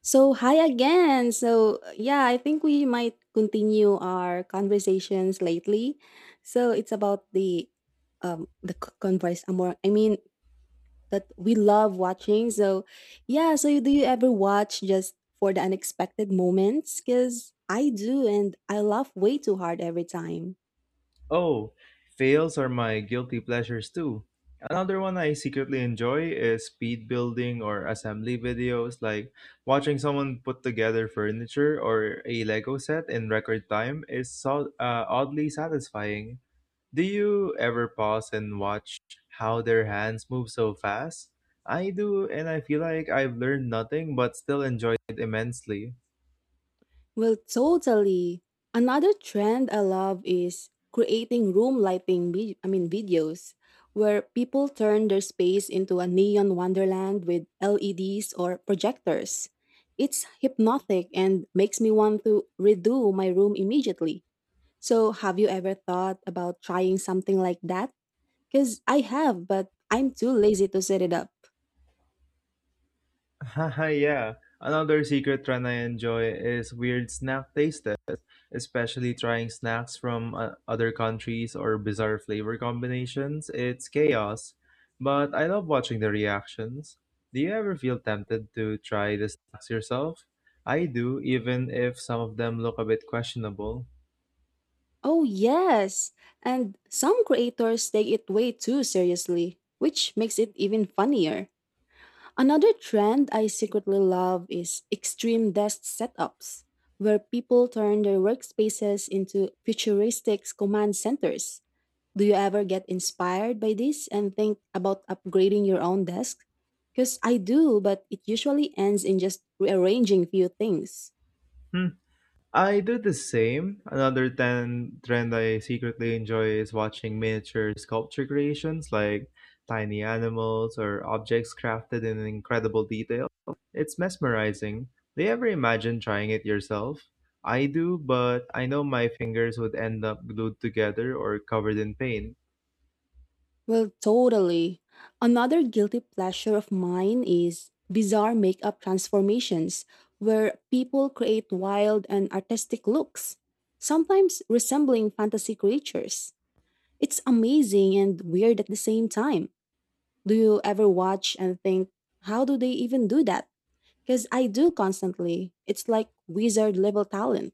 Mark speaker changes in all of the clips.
Speaker 1: So, hi again. So, yeah, I think we might continue our conversations lately. So, it's about the c- converse more I mean that we love watching. So, do you ever watch just for the unexpected moments cuz I do and I laugh way too hard every time.
Speaker 2: Oh, fails are my guilty pleasures too. Another one I secretly enjoy is speed building or assembly videos, like watching someone put together furniture or a Lego set in record time is so, oddly satisfying. Do you ever pause and watch how their hands move so fast? I do, and I feel like I've learned nothing but still enjoy it immensely.
Speaker 1: Well, totally. Another trend I love is creating room lighting, videos where people turn their space into a neon wonderland with LEDs or projectors. It's hypnotic and makes me want to redo my room immediately. So, have you ever thought about trying something like that? Because I have, but I'm too lazy to set it up.
Speaker 2: Haha, yeah. Another secret trend I enjoy is weird snack taste, especially trying snacks from other countries or bizarre flavor combinations. It's chaos, but I love watching the reactions. Do you ever feel tempted to try the snacks yourself? I do, even if some of them look a bit questionable.
Speaker 1: Oh, yes. And some creators take it way too seriously, which makes it even funnier. Another trend I secretly love is extreme desk setups, where people turn their workspaces into futuristic command centers. Do you ever get inspired by this and think about upgrading your own desk? Because I do, but it usually ends in just rearranging few things.
Speaker 2: I do the same. Another ten trend I secretly enjoy is watching miniature sculpture creations, like tiny animals or objects crafted in incredible detail. It's mesmerizing. Do you ever imagine trying it yourself? I do, but I know my fingers would end up glued together or covered in paint.
Speaker 1: Well, totally. Another guilty pleasure of mine is bizarre makeup transformations, where people create wild and artistic looks, sometimes resembling fantasy creatures. It's amazing and weird at the same time. Do you ever watch and think, how do they even do that? Because I do constantly. It's like wizard level talent.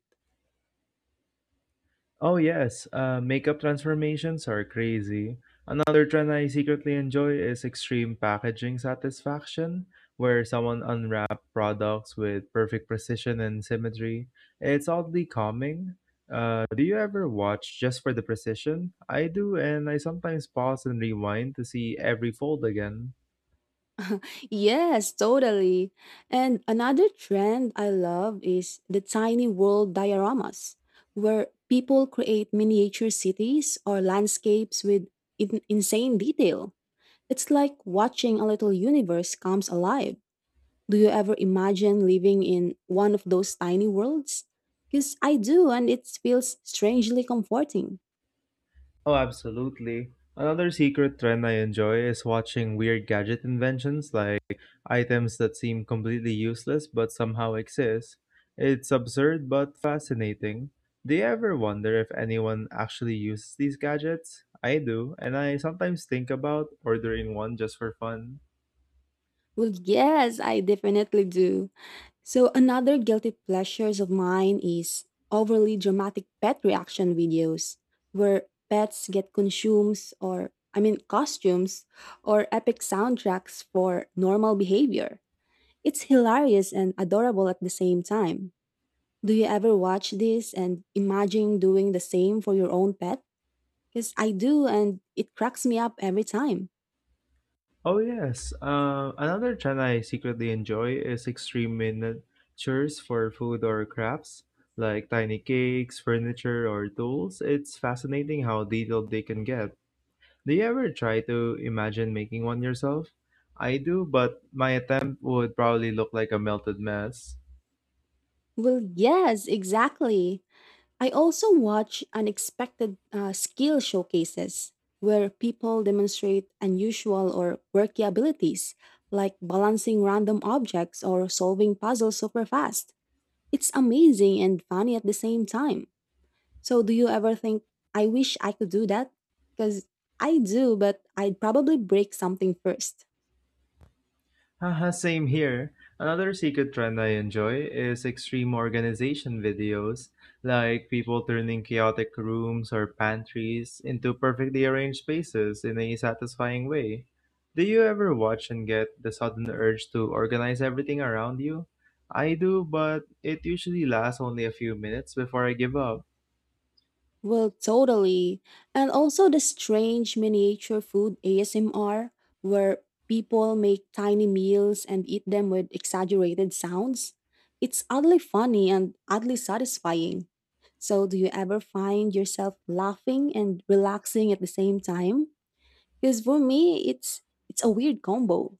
Speaker 2: Oh yes, makeup transformations are crazy. Another trend I secretly enjoy is extreme packaging satisfaction, where someone unwraps products with perfect precision and symmetry. It's oddly calming. Do you ever watch just for the precision? I do, and I sometimes pause and rewind to see every fold again.
Speaker 1: Yes, totally. And another trend I love is the tiny world dioramas, where people create miniature cities or landscapes with insane detail. It's like watching a little universe comes alive. Do you ever imagine living in one of those tiny worlds? Because I do, and it feels strangely comforting.
Speaker 2: Oh, absolutely. Another secret trend I enjoy is watching weird gadget inventions, like items that seem completely useless but somehow exist. It's absurd but fascinating. Do you ever wonder if anyone actually uses these gadgets? I do, and I sometimes think about ordering one just for fun.
Speaker 1: Well, yes, I definitely do. So another guilty pleasures of mine is overly dramatic pet reaction videos where pets get consumes or I mean costumes or epic soundtracks for normal behavior. It's hilarious and adorable at the same time. Do you ever watch this and imagine doing the same for your own pet? Because I do and it cracks me up every time.
Speaker 2: Oh yes. Another genre I secretly enjoy is extreme miniatures for food or crafts, like tiny cakes, furniture, or tools. It's fascinating how detailed they can get. Do you ever try to imagine making one yourself? I do, but my attempt would probably look like a melted mess.
Speaker 1: Well, yes, exactly. I also watch unexpected skill showcases where people demonstrate unusual or quirky abilities, like balancing random objects or solving puzzles super fast. It's amazing and funny at the same time. So, do you ever think, I wish I could do that? Because I do, but I'd probably break something first.
Speaker 2: Haha, same here. Another secret trend I enjoy is extreme organization videos, like people turning chaotic rooms or pantries into perfectly arranged spaces in a satisfying way. Do you ever watch and get the sudden urge to organize everything around you? I do, but it usually lasts only a few minutes before I give up.
Speaker 1: Well, totally. And also the strange miniature food ASMR, where people make tiny meals and eat them with exaggerated sounds. It's oddly funny and oddly satisfying. So, do you ever find yourself laughing and relaxing at the same time? Because for me, it's a weird combo.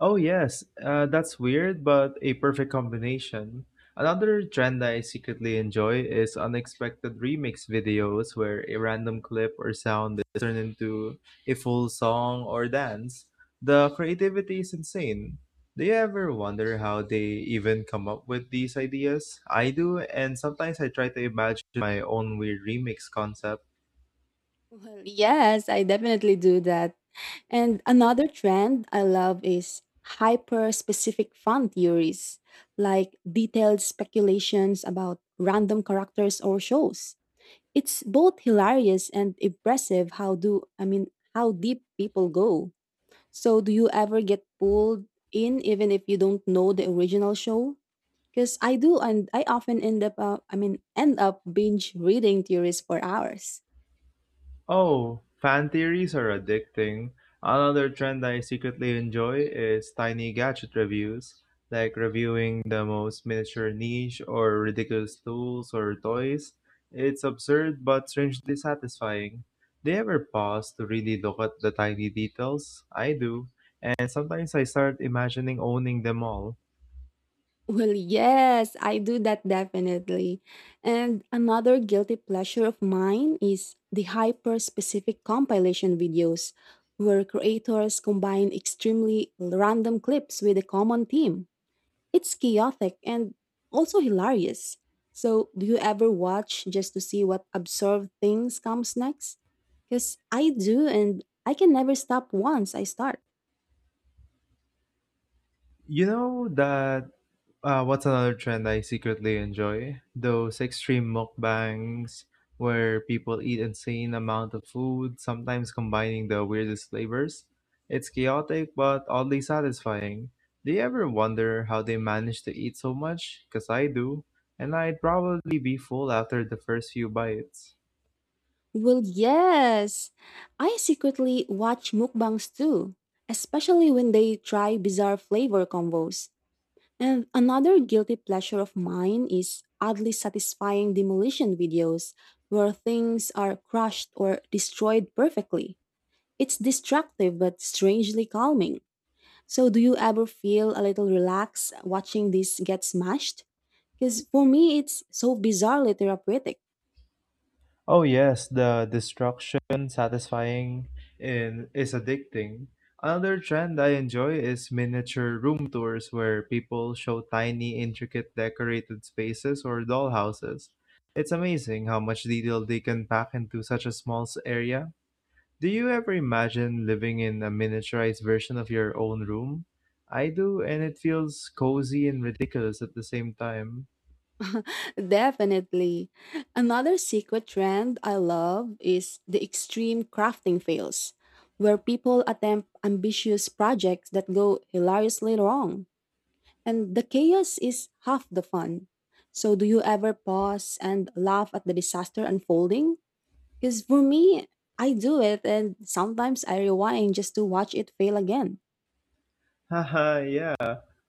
Speaker 2: Oh yes, that's weird, but a perfect combination. Another trend I secretly enjoy is unexpected remix videos, where a random clip or sound is turned into a full song or dance. The creativity is insane. Do you ever wonder how they even come up with these ideas? I do, and sometimes I try to imagine my own weird remix concept.
Speaker 1: Well, yes, I definitely do that. And another trend I love is hyper specific fan theories, like detailed speculations about random characters or shows. It's both hilarious and impressive how deep people go. So do you ever get pulled in even if you don't know the original show? Because I do, and I often end up, end up binge reading theories for hours.
Speaker 2: Oh, fan theories are addicting. Another trend I secretly enjoy is tiny gadget reviews, like reviewing the most miniature niche or ridiculous tools or toys. It's absurd but strangely satisfying. Do you ever pause to really look at the tiny details? I do, and sometimes I start imagining owning them all.
Speaker 1: Well, yes, I do that definitely. And another guilty pleasure of mine is the hyper specific compilation videos, where creators combine extremely random clips with a common theme. It's chaotic and also hilarious. So, do you ever watch just to see what absurd things comes next? Because I do, and I can never stop once I start.
Speaker 2: You know that. What's another trend I secretly enjoy? Those extreme mukbangs where people eat insane amount of food, sometimes combining the weirdest flavors. It's chaotic but oddly satisfying. Do you ever wonder how they manage to eat so much? Cause I do, and I'd probably be full after the first few bites.
Speaker 1: Well, yes. I secretly watch mukbangs too, especially when they try bizarre flavor combos. And another guilty pleasure of mine is oddly satisfying demolition videos where things are crushed or destroyed perfectly. It's destructive but strangely calming. So, do you ever feel a little relaxed watching this get smashed? Because for me, it's so bizarrely therapeutic.
Speaker 2: Oh yes, the destruction satisfying in is addicting. Another trend I enjoy is miniature room tours, where people show tiny, intricate decorated spaces or dollhouses. It's amazing how much detail they can pack into such a small area. Do you ever imagine living in a miniaturized version of your own room? I do, and it feels cozy and ridiculous at the same time.
Speaker 1: Definitely. Another secret trend I love is the extreme crafting fails, where people attempt ambitious projects that go hilariously wrong. And the chaos is half the fun. So, do you ever pause and laugh at the disaster unfolding? Because for me, I do it, and sometimes I rewind just to watch it fail again.
Speaker 2: Haha, yeah.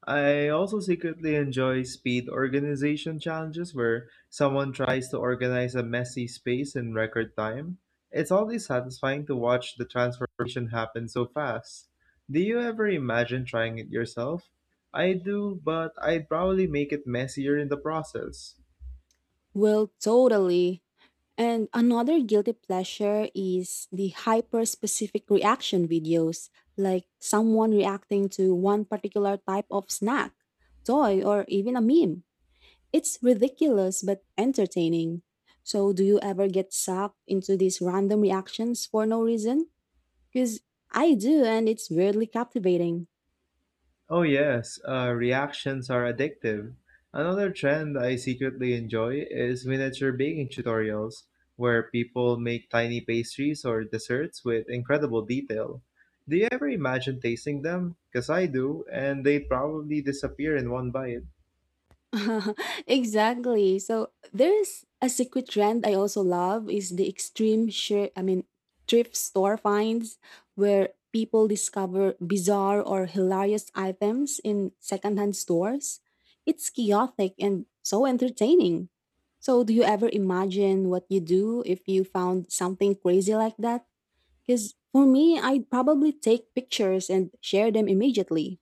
Speaker 2: I also secretly enjoy speed organization challenges, where someone tries to organize a messy space in record time. It's always satisfying to watch the transformation happen so fast. Do you ever imagine trying it yourself? I do, but I'd probably make it messier in the process.
Speaker 1: Well, totally. And another guilty pleasure is the hyper specific reaction videos, like someone reacting to one particular type of snack, toy, or even a meme. It's ridiculous but entertaining. So, do you ever get sucked into these random reactions for no reason? Because I do, and it's weirdly captivating.
Speaker 2: Oh, yes, reactions are addictive. Another trend I secretly enjoy is miniature baking tutorials, where people make tiny pastries or desserts with incredible detail. Do you ever imagine tasting them? Because I do, and they probably disappear in one bite.
Speaker 1: Exactly. So there's a secret trend I also love is the extreme shirt I mean thrift store finds where people discover bizarre or hilarious items in secondhand stores. It's chaotic and so entertaining. So do you ever imagine what you do if you found something crazy like that? Cuz for me, I'd probably take pictures and share them immediately.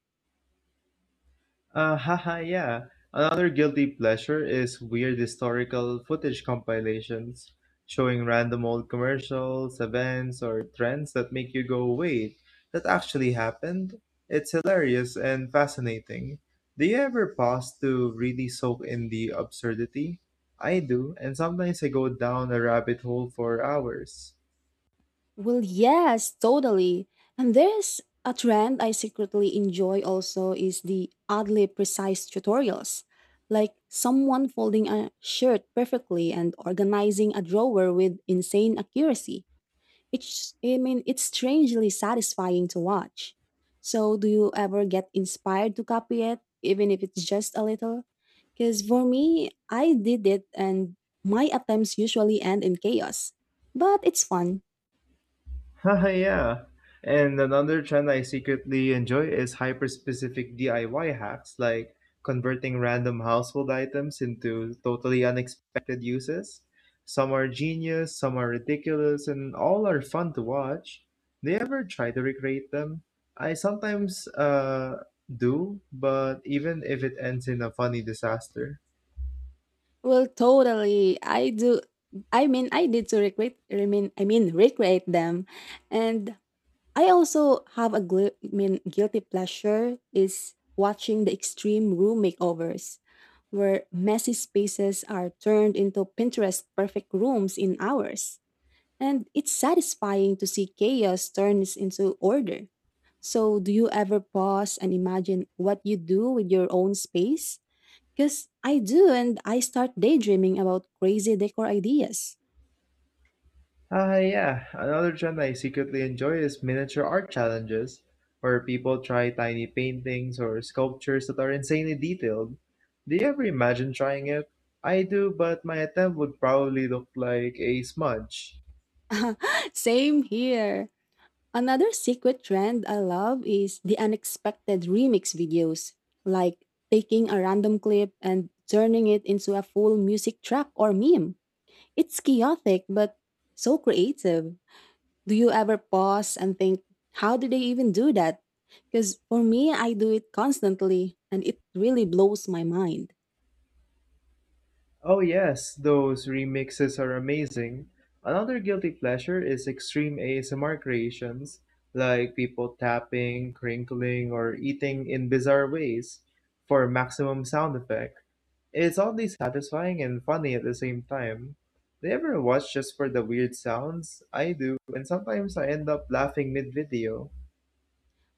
Speaker 2: Haha, yeah. Another guilty pleasure is weird historical footage compilations, showing random old commercials, events, or trends that make you go, wait, that actually happened? It's hilarious and fascinating. Do you ever pause to really soak in the absurdity? I do, and sometimes I go down a rabbit hole for hours.
Speaker 1: Well, yes, totally. And there's a trend I secretly enjoy also is the oddly precise tutorials. Like someone folding a shirt perfectly and organizing a drawer with insane accuracy. It's strangely satisfying to watch. So, do you ever get inspired to copy it, even if it's just a little? Because for me, I did it and my attempts usually end in chaos. But it's fun.
Speaker 2: Haha, yeah. And another trend I secretly enjoy is hyper-specific DIY hacks, like converting random household items into totally unexpected uses. Some are genius, some are ridiculous, and all are fun to watch. Do you ever try to recreate them? I sometimes do, but even if it ends in a funny disaster.
Speaker 1: Well, totally. I do. I mean, I did to recreate. I mean, recreate them, and I also have a guilty pleasure is watching the extreme room makeovers, where messy spaces are turned into Pinterest perfect rooms in hours, and it's satisfying to see chaos turns into order. So, do you ever pause and imagine what you do with your own space? Because I do, and I start daydreaming about crazy decor ideas.
Speaker 2: Ah, yeah. Another trend I secretly enjoy is miniature art challenges, where people try tiny paintings or sculptures that are insanely detailed. Do you ever imagine trying it? I do, but my attempt would probably look like a smudge.
Speaker 1: Same here. Another secret trend I love is the unexpected remix videos, like taking a random clip and turning it into a full music track or meme. It's chaotic, but so creative. Do you ever pause and think, how did they even do that? Because for me, I do it constantly, and it really blows my mind.
Speaker 2: Oh yes, those remixes are amazing. Another guilty pleasure is extreme ASMR creations, like people tapping, crinkling, or eating in bizarre ways for maximum sound effect. It's oddly satisfying and funny at the same time. Do you ever watch just for the weird sounds? I do, and sometimes I end up laughing mid-video.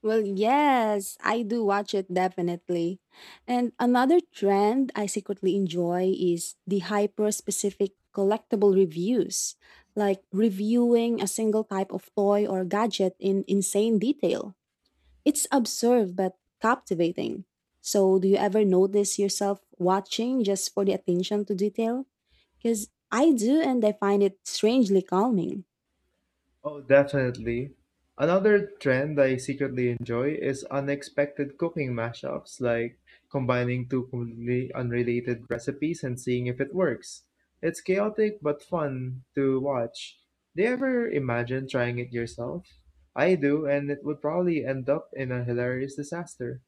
Speaker 1: Well, yes, I do watch it definitely. And another trend I secretly enjoy is the hyper specific collectible reviews, like reviewing a single type of toy or gadget in insane detail. It's absurd but captivating. So, do you ever notice yourself watching just for the attention to detail? Because I do, and I find it strangely calming.
Speaker 2: Oh, definitely. Another trend I secretly enjoy is unexpected cooking mashups, like combining two completely unrelated recipes and seeing if it works. It's chaotic but fun to watch. Do you ever imagine trying it yourself? I do, and it would probably end up in a hilarious disaster.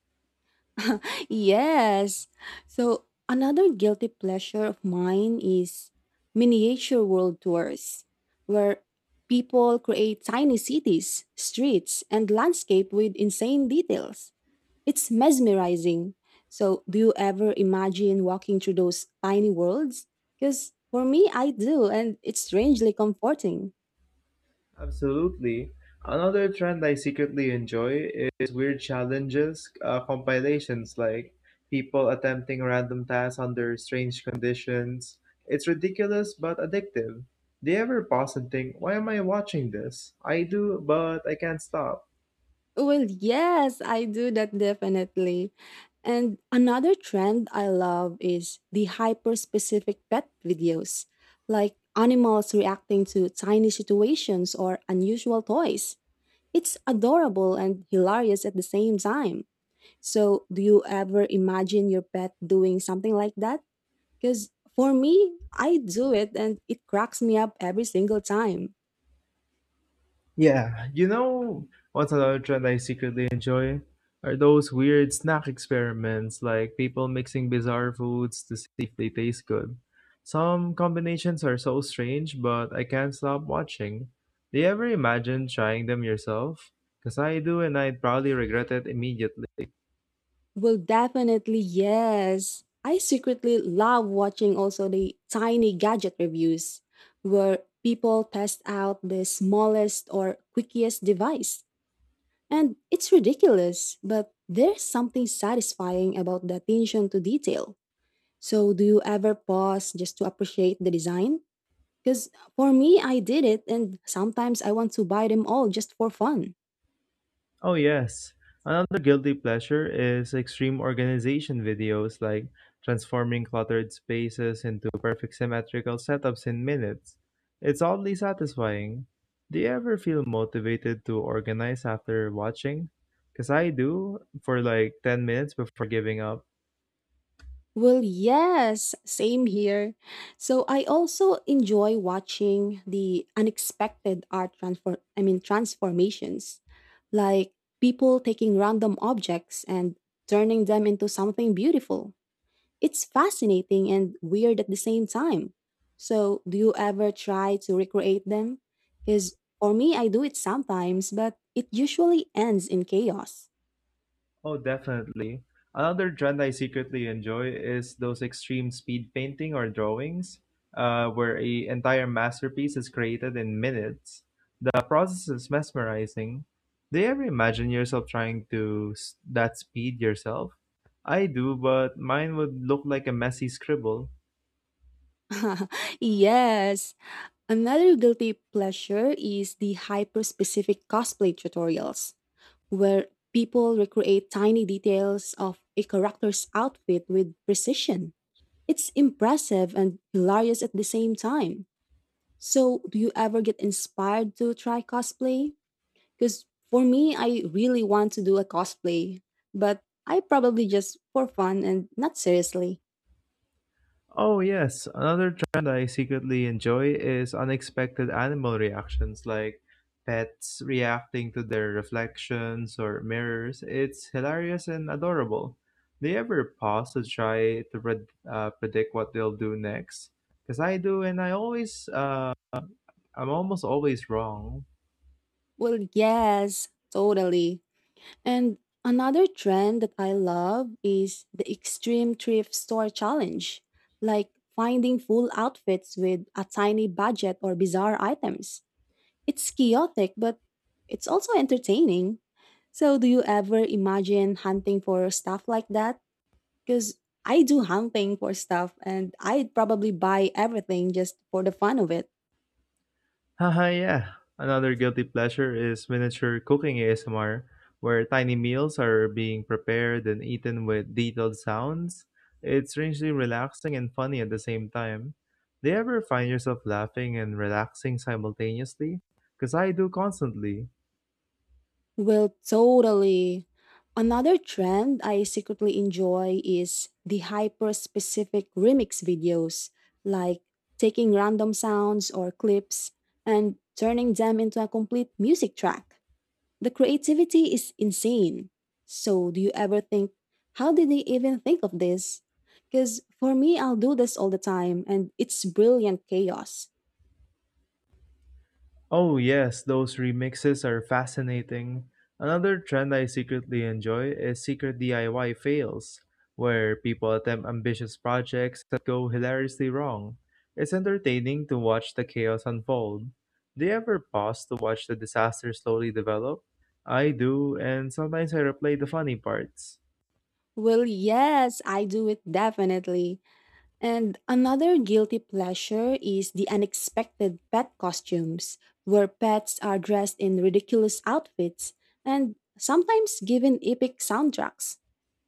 Speaker 1: Yes. So another guilty pleasure of mine is miniature world tours, where people create tiny cities, streets, and landscape with insane details. It's mesmerizing. So do you ever imagine walking through those tiny worlds? Because for me, I do, and it's strangely comforting.
Speaker 2: Absolutely. Another trend I secretly enjoy is weird challenges compilations, like people attempting random tasks under strange conditions. It's ridiculous but addictive. Do you ever pause and think, why am I watching this? I do, but I can't stop.
Speaker 1: Well, yes, I do that definitely. And another trend I love is the hyper specific pet videos, like animals reacting to tiny situations or unusual toys. It's adorable and hilarious at the same time. So, do you ever imagine your pet doing something like that? Because for me, I do it and it cracks me up every single time.
Speaker 2: Yeah, you know, what's another trend I secretly enjoy? Are those weird snack experiments, like people mixing bizarre foods to see if they taste good. Some combinations are so strange, but I can't stop watching. Do you ever imagine trying them yourself? Because I do, and I'd probably regret it immediately.
Speaker 1: Well, definitely, yes. I secretly love watching also the tiny gadget reviews where people test out the smallest or quickest device. And it's ridiculous, but there's something satisfying about the attention to detail. So, do you ever pause just to appreciate the design? Because for me, I did it, and sometimes I want to buy them all just for fun.
Speaker 2: Oh, yes. Another guilty pleasure is extreme organization videos, like transforming cluttered spaces into perfect symmetrical setups in minutes. It's oddly satisfying. Do you ever feel motivated to organize after watching? Because I do for like 10 minutes before giving up.
Speaker 1: Well, yes, same here. So I also enjoy watching the unexpected art transfer I mean transformations, like people taking random objects and turning them into something beautiful. It's fascinating and weird at the same time. So, do you ever try to recreate them? Cuz for me I do it sometimes, but it usually ends in chaos.
Speaker 2: Oh, definitely. Another trend I secretly enjoy is those extreme speed painting or drawings, where a entire masterpiece is created in minutes. The process is mesmerizing. Do you ever imagine yourself trying to that speed yourself? I do, but mine would look like a messy scribble.
Speaker 1: Yes. Another guilty pleasure is the hyper specific cosplay tutorials, where people recreate tiny details of a character's outfit with precision. It's impressive and hilarious at the same time. So, do you ever get inspired to try cosplay? Because for me, I really want to do a cosplay, but I probably just for fun and not seriously.
Speaker 2: Oh, yes. Another trend I secretly enjoy is unexpected animal reactions, like pets reacting to their reflections or mirrors. It's hilarious and adorable. Do you ever pause to try to predict what they'll do next? Because I do, and I always, I'm almost always wrong.
Speaker 1: Well, yes, totally. And another trend that I love is the extreme thrift store challenge, like finding full outfits with a tiny budget or bizarre items. It's chaotic, but it's also entertaining. So, do you ever imagine hunting for stuff like that? Because I do hunting for stuff and I'd probably buy everything just for the fun of it.
Speaker 2: Haha, yeah. Another guilty pleasure is miniature cooking ASMR, where tiny meals are being prepared and eaten with detailed sounds. It's strangely relaxing and funny at the same time. Do you ever find yourself laughing and relaxing simultaneously? Because I do constantly.
Speaker 1: Well, totally. Another trend I secretly enjoy is the hyper specific remix videos, like taking random sounds or clips and turning them into a complete music track. The creativity is insane. So, do you ever think, how did they even think of this? Because for me, I'll do this all the time and it's brilliant chaos.
Speaker 2: Oh, yes, those remixes are fascinating. Another trend I secretly enjoy is secret DIY fails, where people attempt ambitious projects that go hilariously wrong. It's entertaining to watch the chaos unfold. Do you ever pause to watch the disaster slowly develop? I do, and sometimes I replay the funny parts.
Speaker 1: Well, yes, I do it definitely. And another guilty pleasure is the unexpected pet costumes, where pets are dressed in ridiculous outfits and sometimes given epic soundtracks.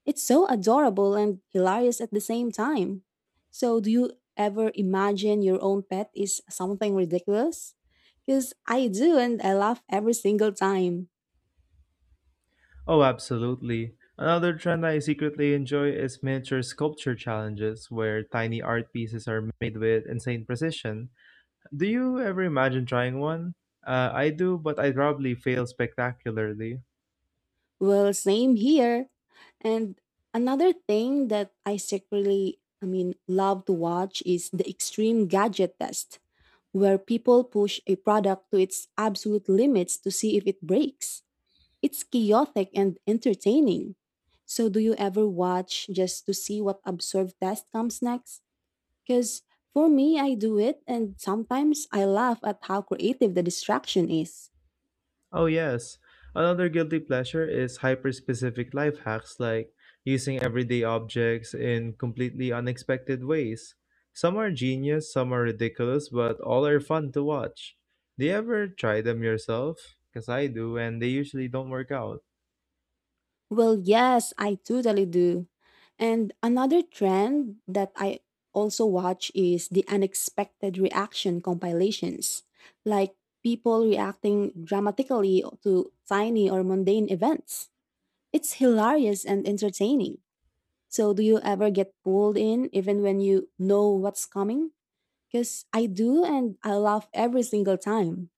Speaker 1: It's so adorable and hilarious at the same time. So, do you ever imagine your own pet is something ridiculous? Because I do, and I laugh every single time.
Speaker 2: Oh, absolutely. Another trend I secretly enjoy is miniature sculpture challenges, where tiny art pieces are made with insane precision. Do you ever imagine trying one? I do, but I'd probably fail spectacularly.
Speaker 1: Well, same here. And another thing that I secretly, love to watch is the extreme gadget test, where people push a product to its absolute limits to see if it breaks. It's chaotic and entertaining. So, do you ever watch just to see what absurd test comes next? Because for me, I do it, and sometimes I laugh at how creative the distraction is.
Speaker 2: Oh, yes. Another guilty pleasure is hyper specific life hacks, like using everyday objects in completely unexpected ways. Some are genius, some are ridiculous, but all are fun to watch. Do you ever try them yourself? Because I do, and they usually don't work out.
Speaker 1: Well, yes, I totally do. And another trend that I also watch is the unexpected reaction compilations, like people reacting dramatically to tiny or mundane events. It's hilarious and entertaining. So, do you ever get pulled in even when you know what's coming? Because I do, and I laugh every single time.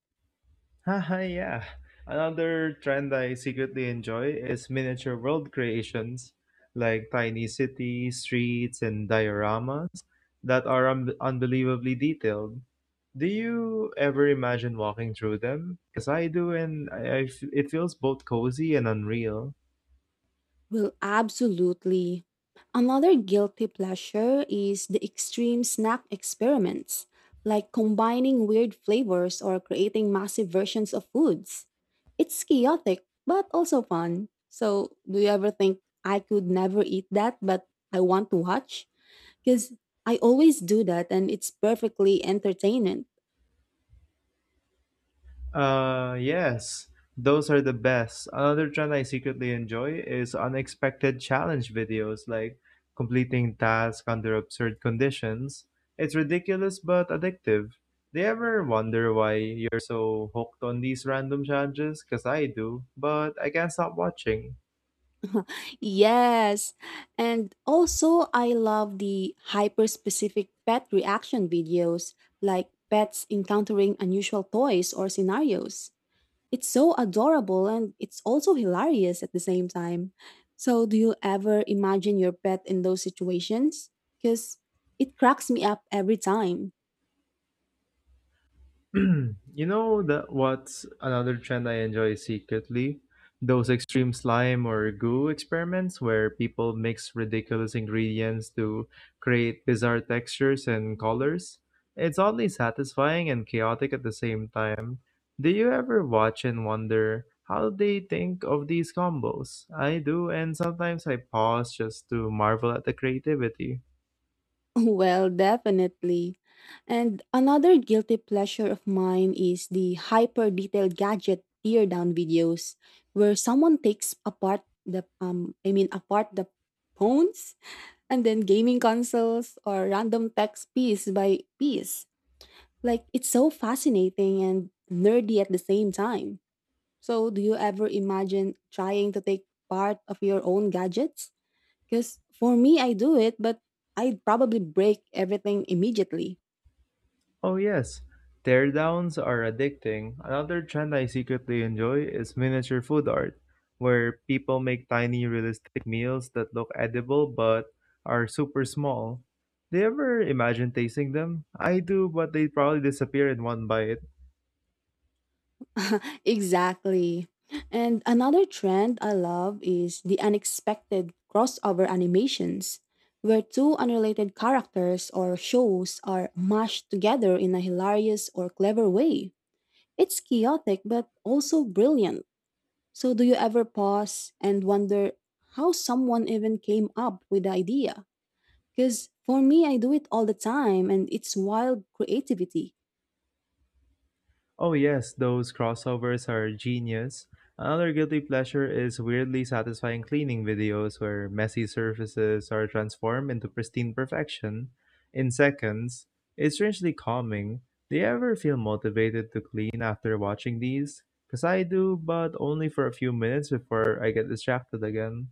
Speaker 2: Haha, yeah. Another trend I secretly enjoy is miniature world creations, like tiny cities, streets, and dioramas that are unbelievably detailed. Do you ever imagine walking through them? Because I do, and it feels both cozy and unreal.
Speaker 1: Well, absolutely. Another guilty pleasure is the extreme snack experiments, like combining weird flavors or creating massive versions of foods. It's chaotic, but also fun. So, do you ever think I could never eat that, but I want to watch? Because I always do that and it's perfectly entertaining.
Speaker 2: Yes, those are the best. Another trend I secretly enjoy is unexpected challenge videos, like completing tasks under absurd conditions. It's ridiculous but addictive. Do you ever wonder why you're so hooked on these random challenges? Because I do, but I can't stop watching.
Speaker 1: Yes, and also I love the hyper-specific pet reaction videos, like pets encountering unusual toys or scenarios. It's so adorable and it's also hilarious at the same time. So, do you ever imagine your pet in those situations? Because it cracks me up every time.
Speaker 2: You know that, what's another trend I enjoy secretly? Those extreme slime or goo experiments, where people mix ridiculous ingredients to create bizarre textures and colors. It's oddly satisfying and chaotic at the same time. Do you ever watch and wonder how they think of these combos? I do, and sometimes I pause just to marvel at the creativity.
Speaker 1: Well, definitely. And another guilty pleasure of mine is the hyper detailed gadget tear down videos where someone takes apart the I mean apart the phones and then gaming consoles or random text piece by piece. Like it's so fascinating and nerdy at the same time. So do you ever imagine trying to take part of your own gadgets? Because for me, I do it, but I'd probably break everything immediately.
Speaker 2: Oh yes, teardowns are addicting. Another trend I secretly enjoy is miniature food art, where people make tiny realistic meals that look edible but are super small. Do you ever imagine tasting them? I do, but they probably disappear in one bite.
Speaker 1: Exactly. And another trend I love is the unexpected crossover animations, where two unrelated characters or shows are mashed together in a hilarious or clever way. It's chaotic but also brilliant. So, do you ever pause and wonder how someone even came up with the idea? Because for me, I do it all the time and it's wild creativity.
Speaker 2: Oh yes, those crossovers are genius. Another guilty pleasure is weirdly satisfying cleaning videos, where messy surfaces are transformed into pristine perfection in seconds. It's strangely calming. Do you ever feel motivated to clean after watching these? Cause I do, but only for a few minutes before I get distracted again.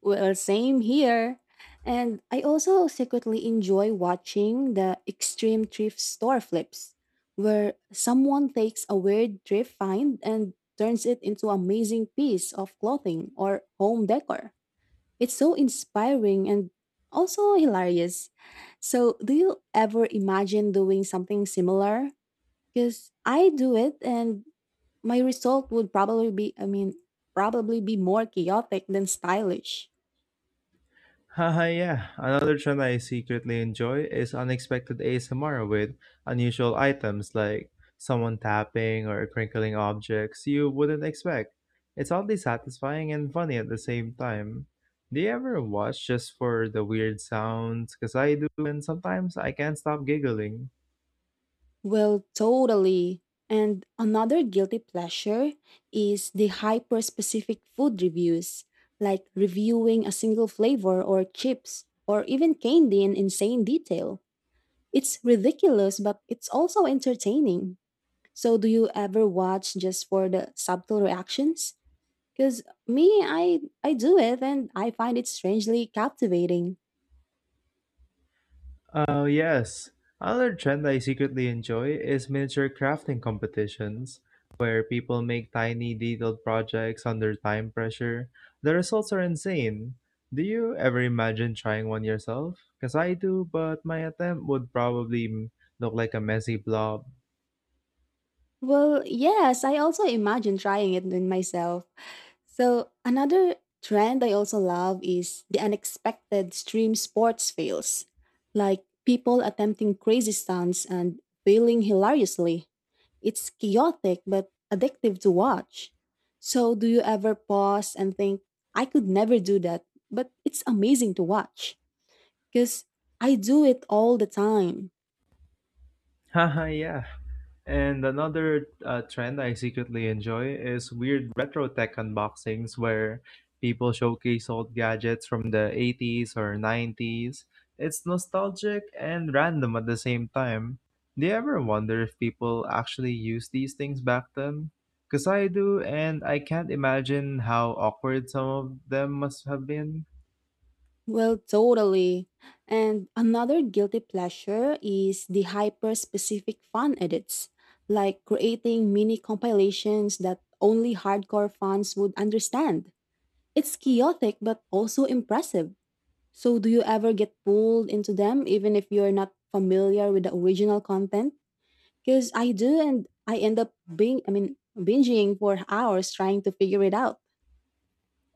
Speaker 1: Well, same here. And I also secretly enjoy watching the extreme thrift store flips, where someone takes a weird thrift find and turns it into an amazing piece of clothing or home decor. It's so inspiring and also hilarious. So, do you ever imagine doing something similar? Because I do it and my result would probably be, probably be more chaotic than stylish.
Speaker 2: Haha, yeah. Another trend I secretly enjoy is unexpected ASMR with unusual items, like someone tapping or crinkling objects you wouldn't expect. It's oddly satisfying and funny at the same time. Do you ever watch just for the weird sounds? Because I do, and sometimes I can't stop giggling.
Speaker 1: Well, totally. And another guilty pleasure is the hyper specific food reviews, like reviewing a single flavor or chips or even candy in insane detail. It's ridiculous, but it's also entertaining. So, do you ever watch just for the subtle reactions? Because me, I do it and I find it strangely captivating.
Speaker 2: Oh, yes. Another trend I secretly enjoy is miniature crafting competitions, where people make tiny, detailed projects under time pressure. The results are insane. Do you ever imagine trying one yourself? Because I do, but my attempt would probably look like a messy blob.
Speaker 1: Well, yes, I also imagine trying it in myself. So another trend I also love is the unexpected stream sports fails, like people attempting crazy stunts and failing hilariously. It's chaotic but addictive to watch. So do you ever pause and think, I could never do that, but it's amazing to watch? Because I do it all the time.
Speaker 2: Haha, yeah. And another trend I secretly enjoy is weird retro tech unboxings, where people showcase old gadgets from the 80s or 90s. It's nostalgic and random at the same time. Do you ever wonder if people actually use these things back then? Because I do, and I can't imagine how awkward some of them must have been.
Speaker 1: Well, totally. And another guilty pleasure is the hyper specific fan edits, like creating mini compilations that only hardcore fans would understand. It's chaotic but also impressive. So, do you ever get pulled into them even if you're not familiar with the original content? Because I do, and I end up binging for hours trying to figure it out.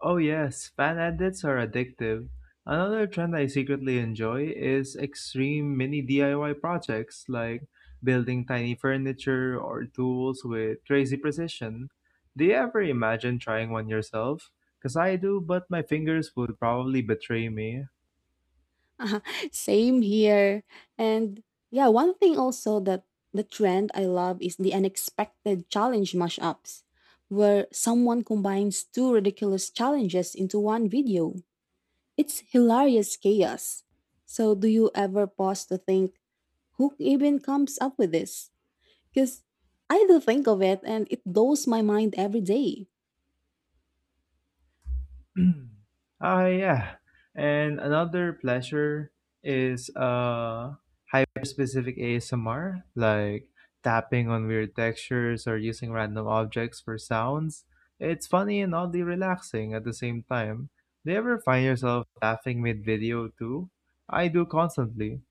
Speaker 2: Oh yes, fan edits are addictive. Another trend I secretly enjoy is extreme mini DIY projects, like building tiny furniture or tools with crazy precision. Do you ever imagine trying one yourself? Cause I do, but my fingers would probably betray me.
Speaker 1: Same here. And yeah, one thing also that the trend I love is the unexpected challenge mashups, where someone combines two ridiculous challenges into one video. It's hilarious chaos. So, do you ever pause to think, who even comes up with this? Because I do think of it and it blows my mind every day.
Speaker 2: Ah, yeah. And another pleasure is hyper-specific ASMR, like tapping on weird textures or using random objects for sounds. It's funny and oddly relaxing at the same time. Do you ever find yourself laughing mid-video too? I do constantly.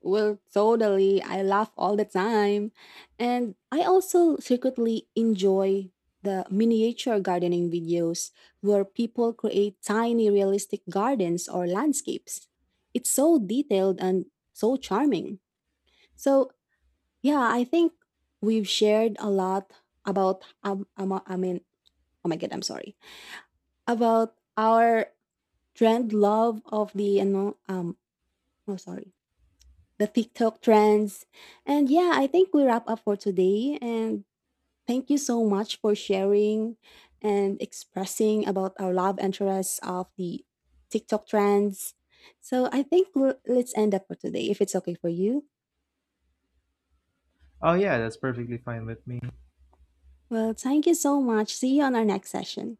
Speaker 1: Well, totally. I laugh all the time. And I also secretly enjoy the miniature gardening videos where people create tiny realistic gardens or landscapes. It's so detailed and so charming. So, yeah, I think we've shared a lot about, oh my God, I'm sorry, about our trend love of the, oh, sorry, the TikTok trends. And yeah, I think we wrap up for today. And thank you so much for sharing and expressing about our love interests of the TikTok trends. So I think we'll, let's end up for today if it's okay for you.
Speaker 2: Oh yeah, that's perfectly fine with me.
Speaker 1: Well, thank you so much. See you on our next session.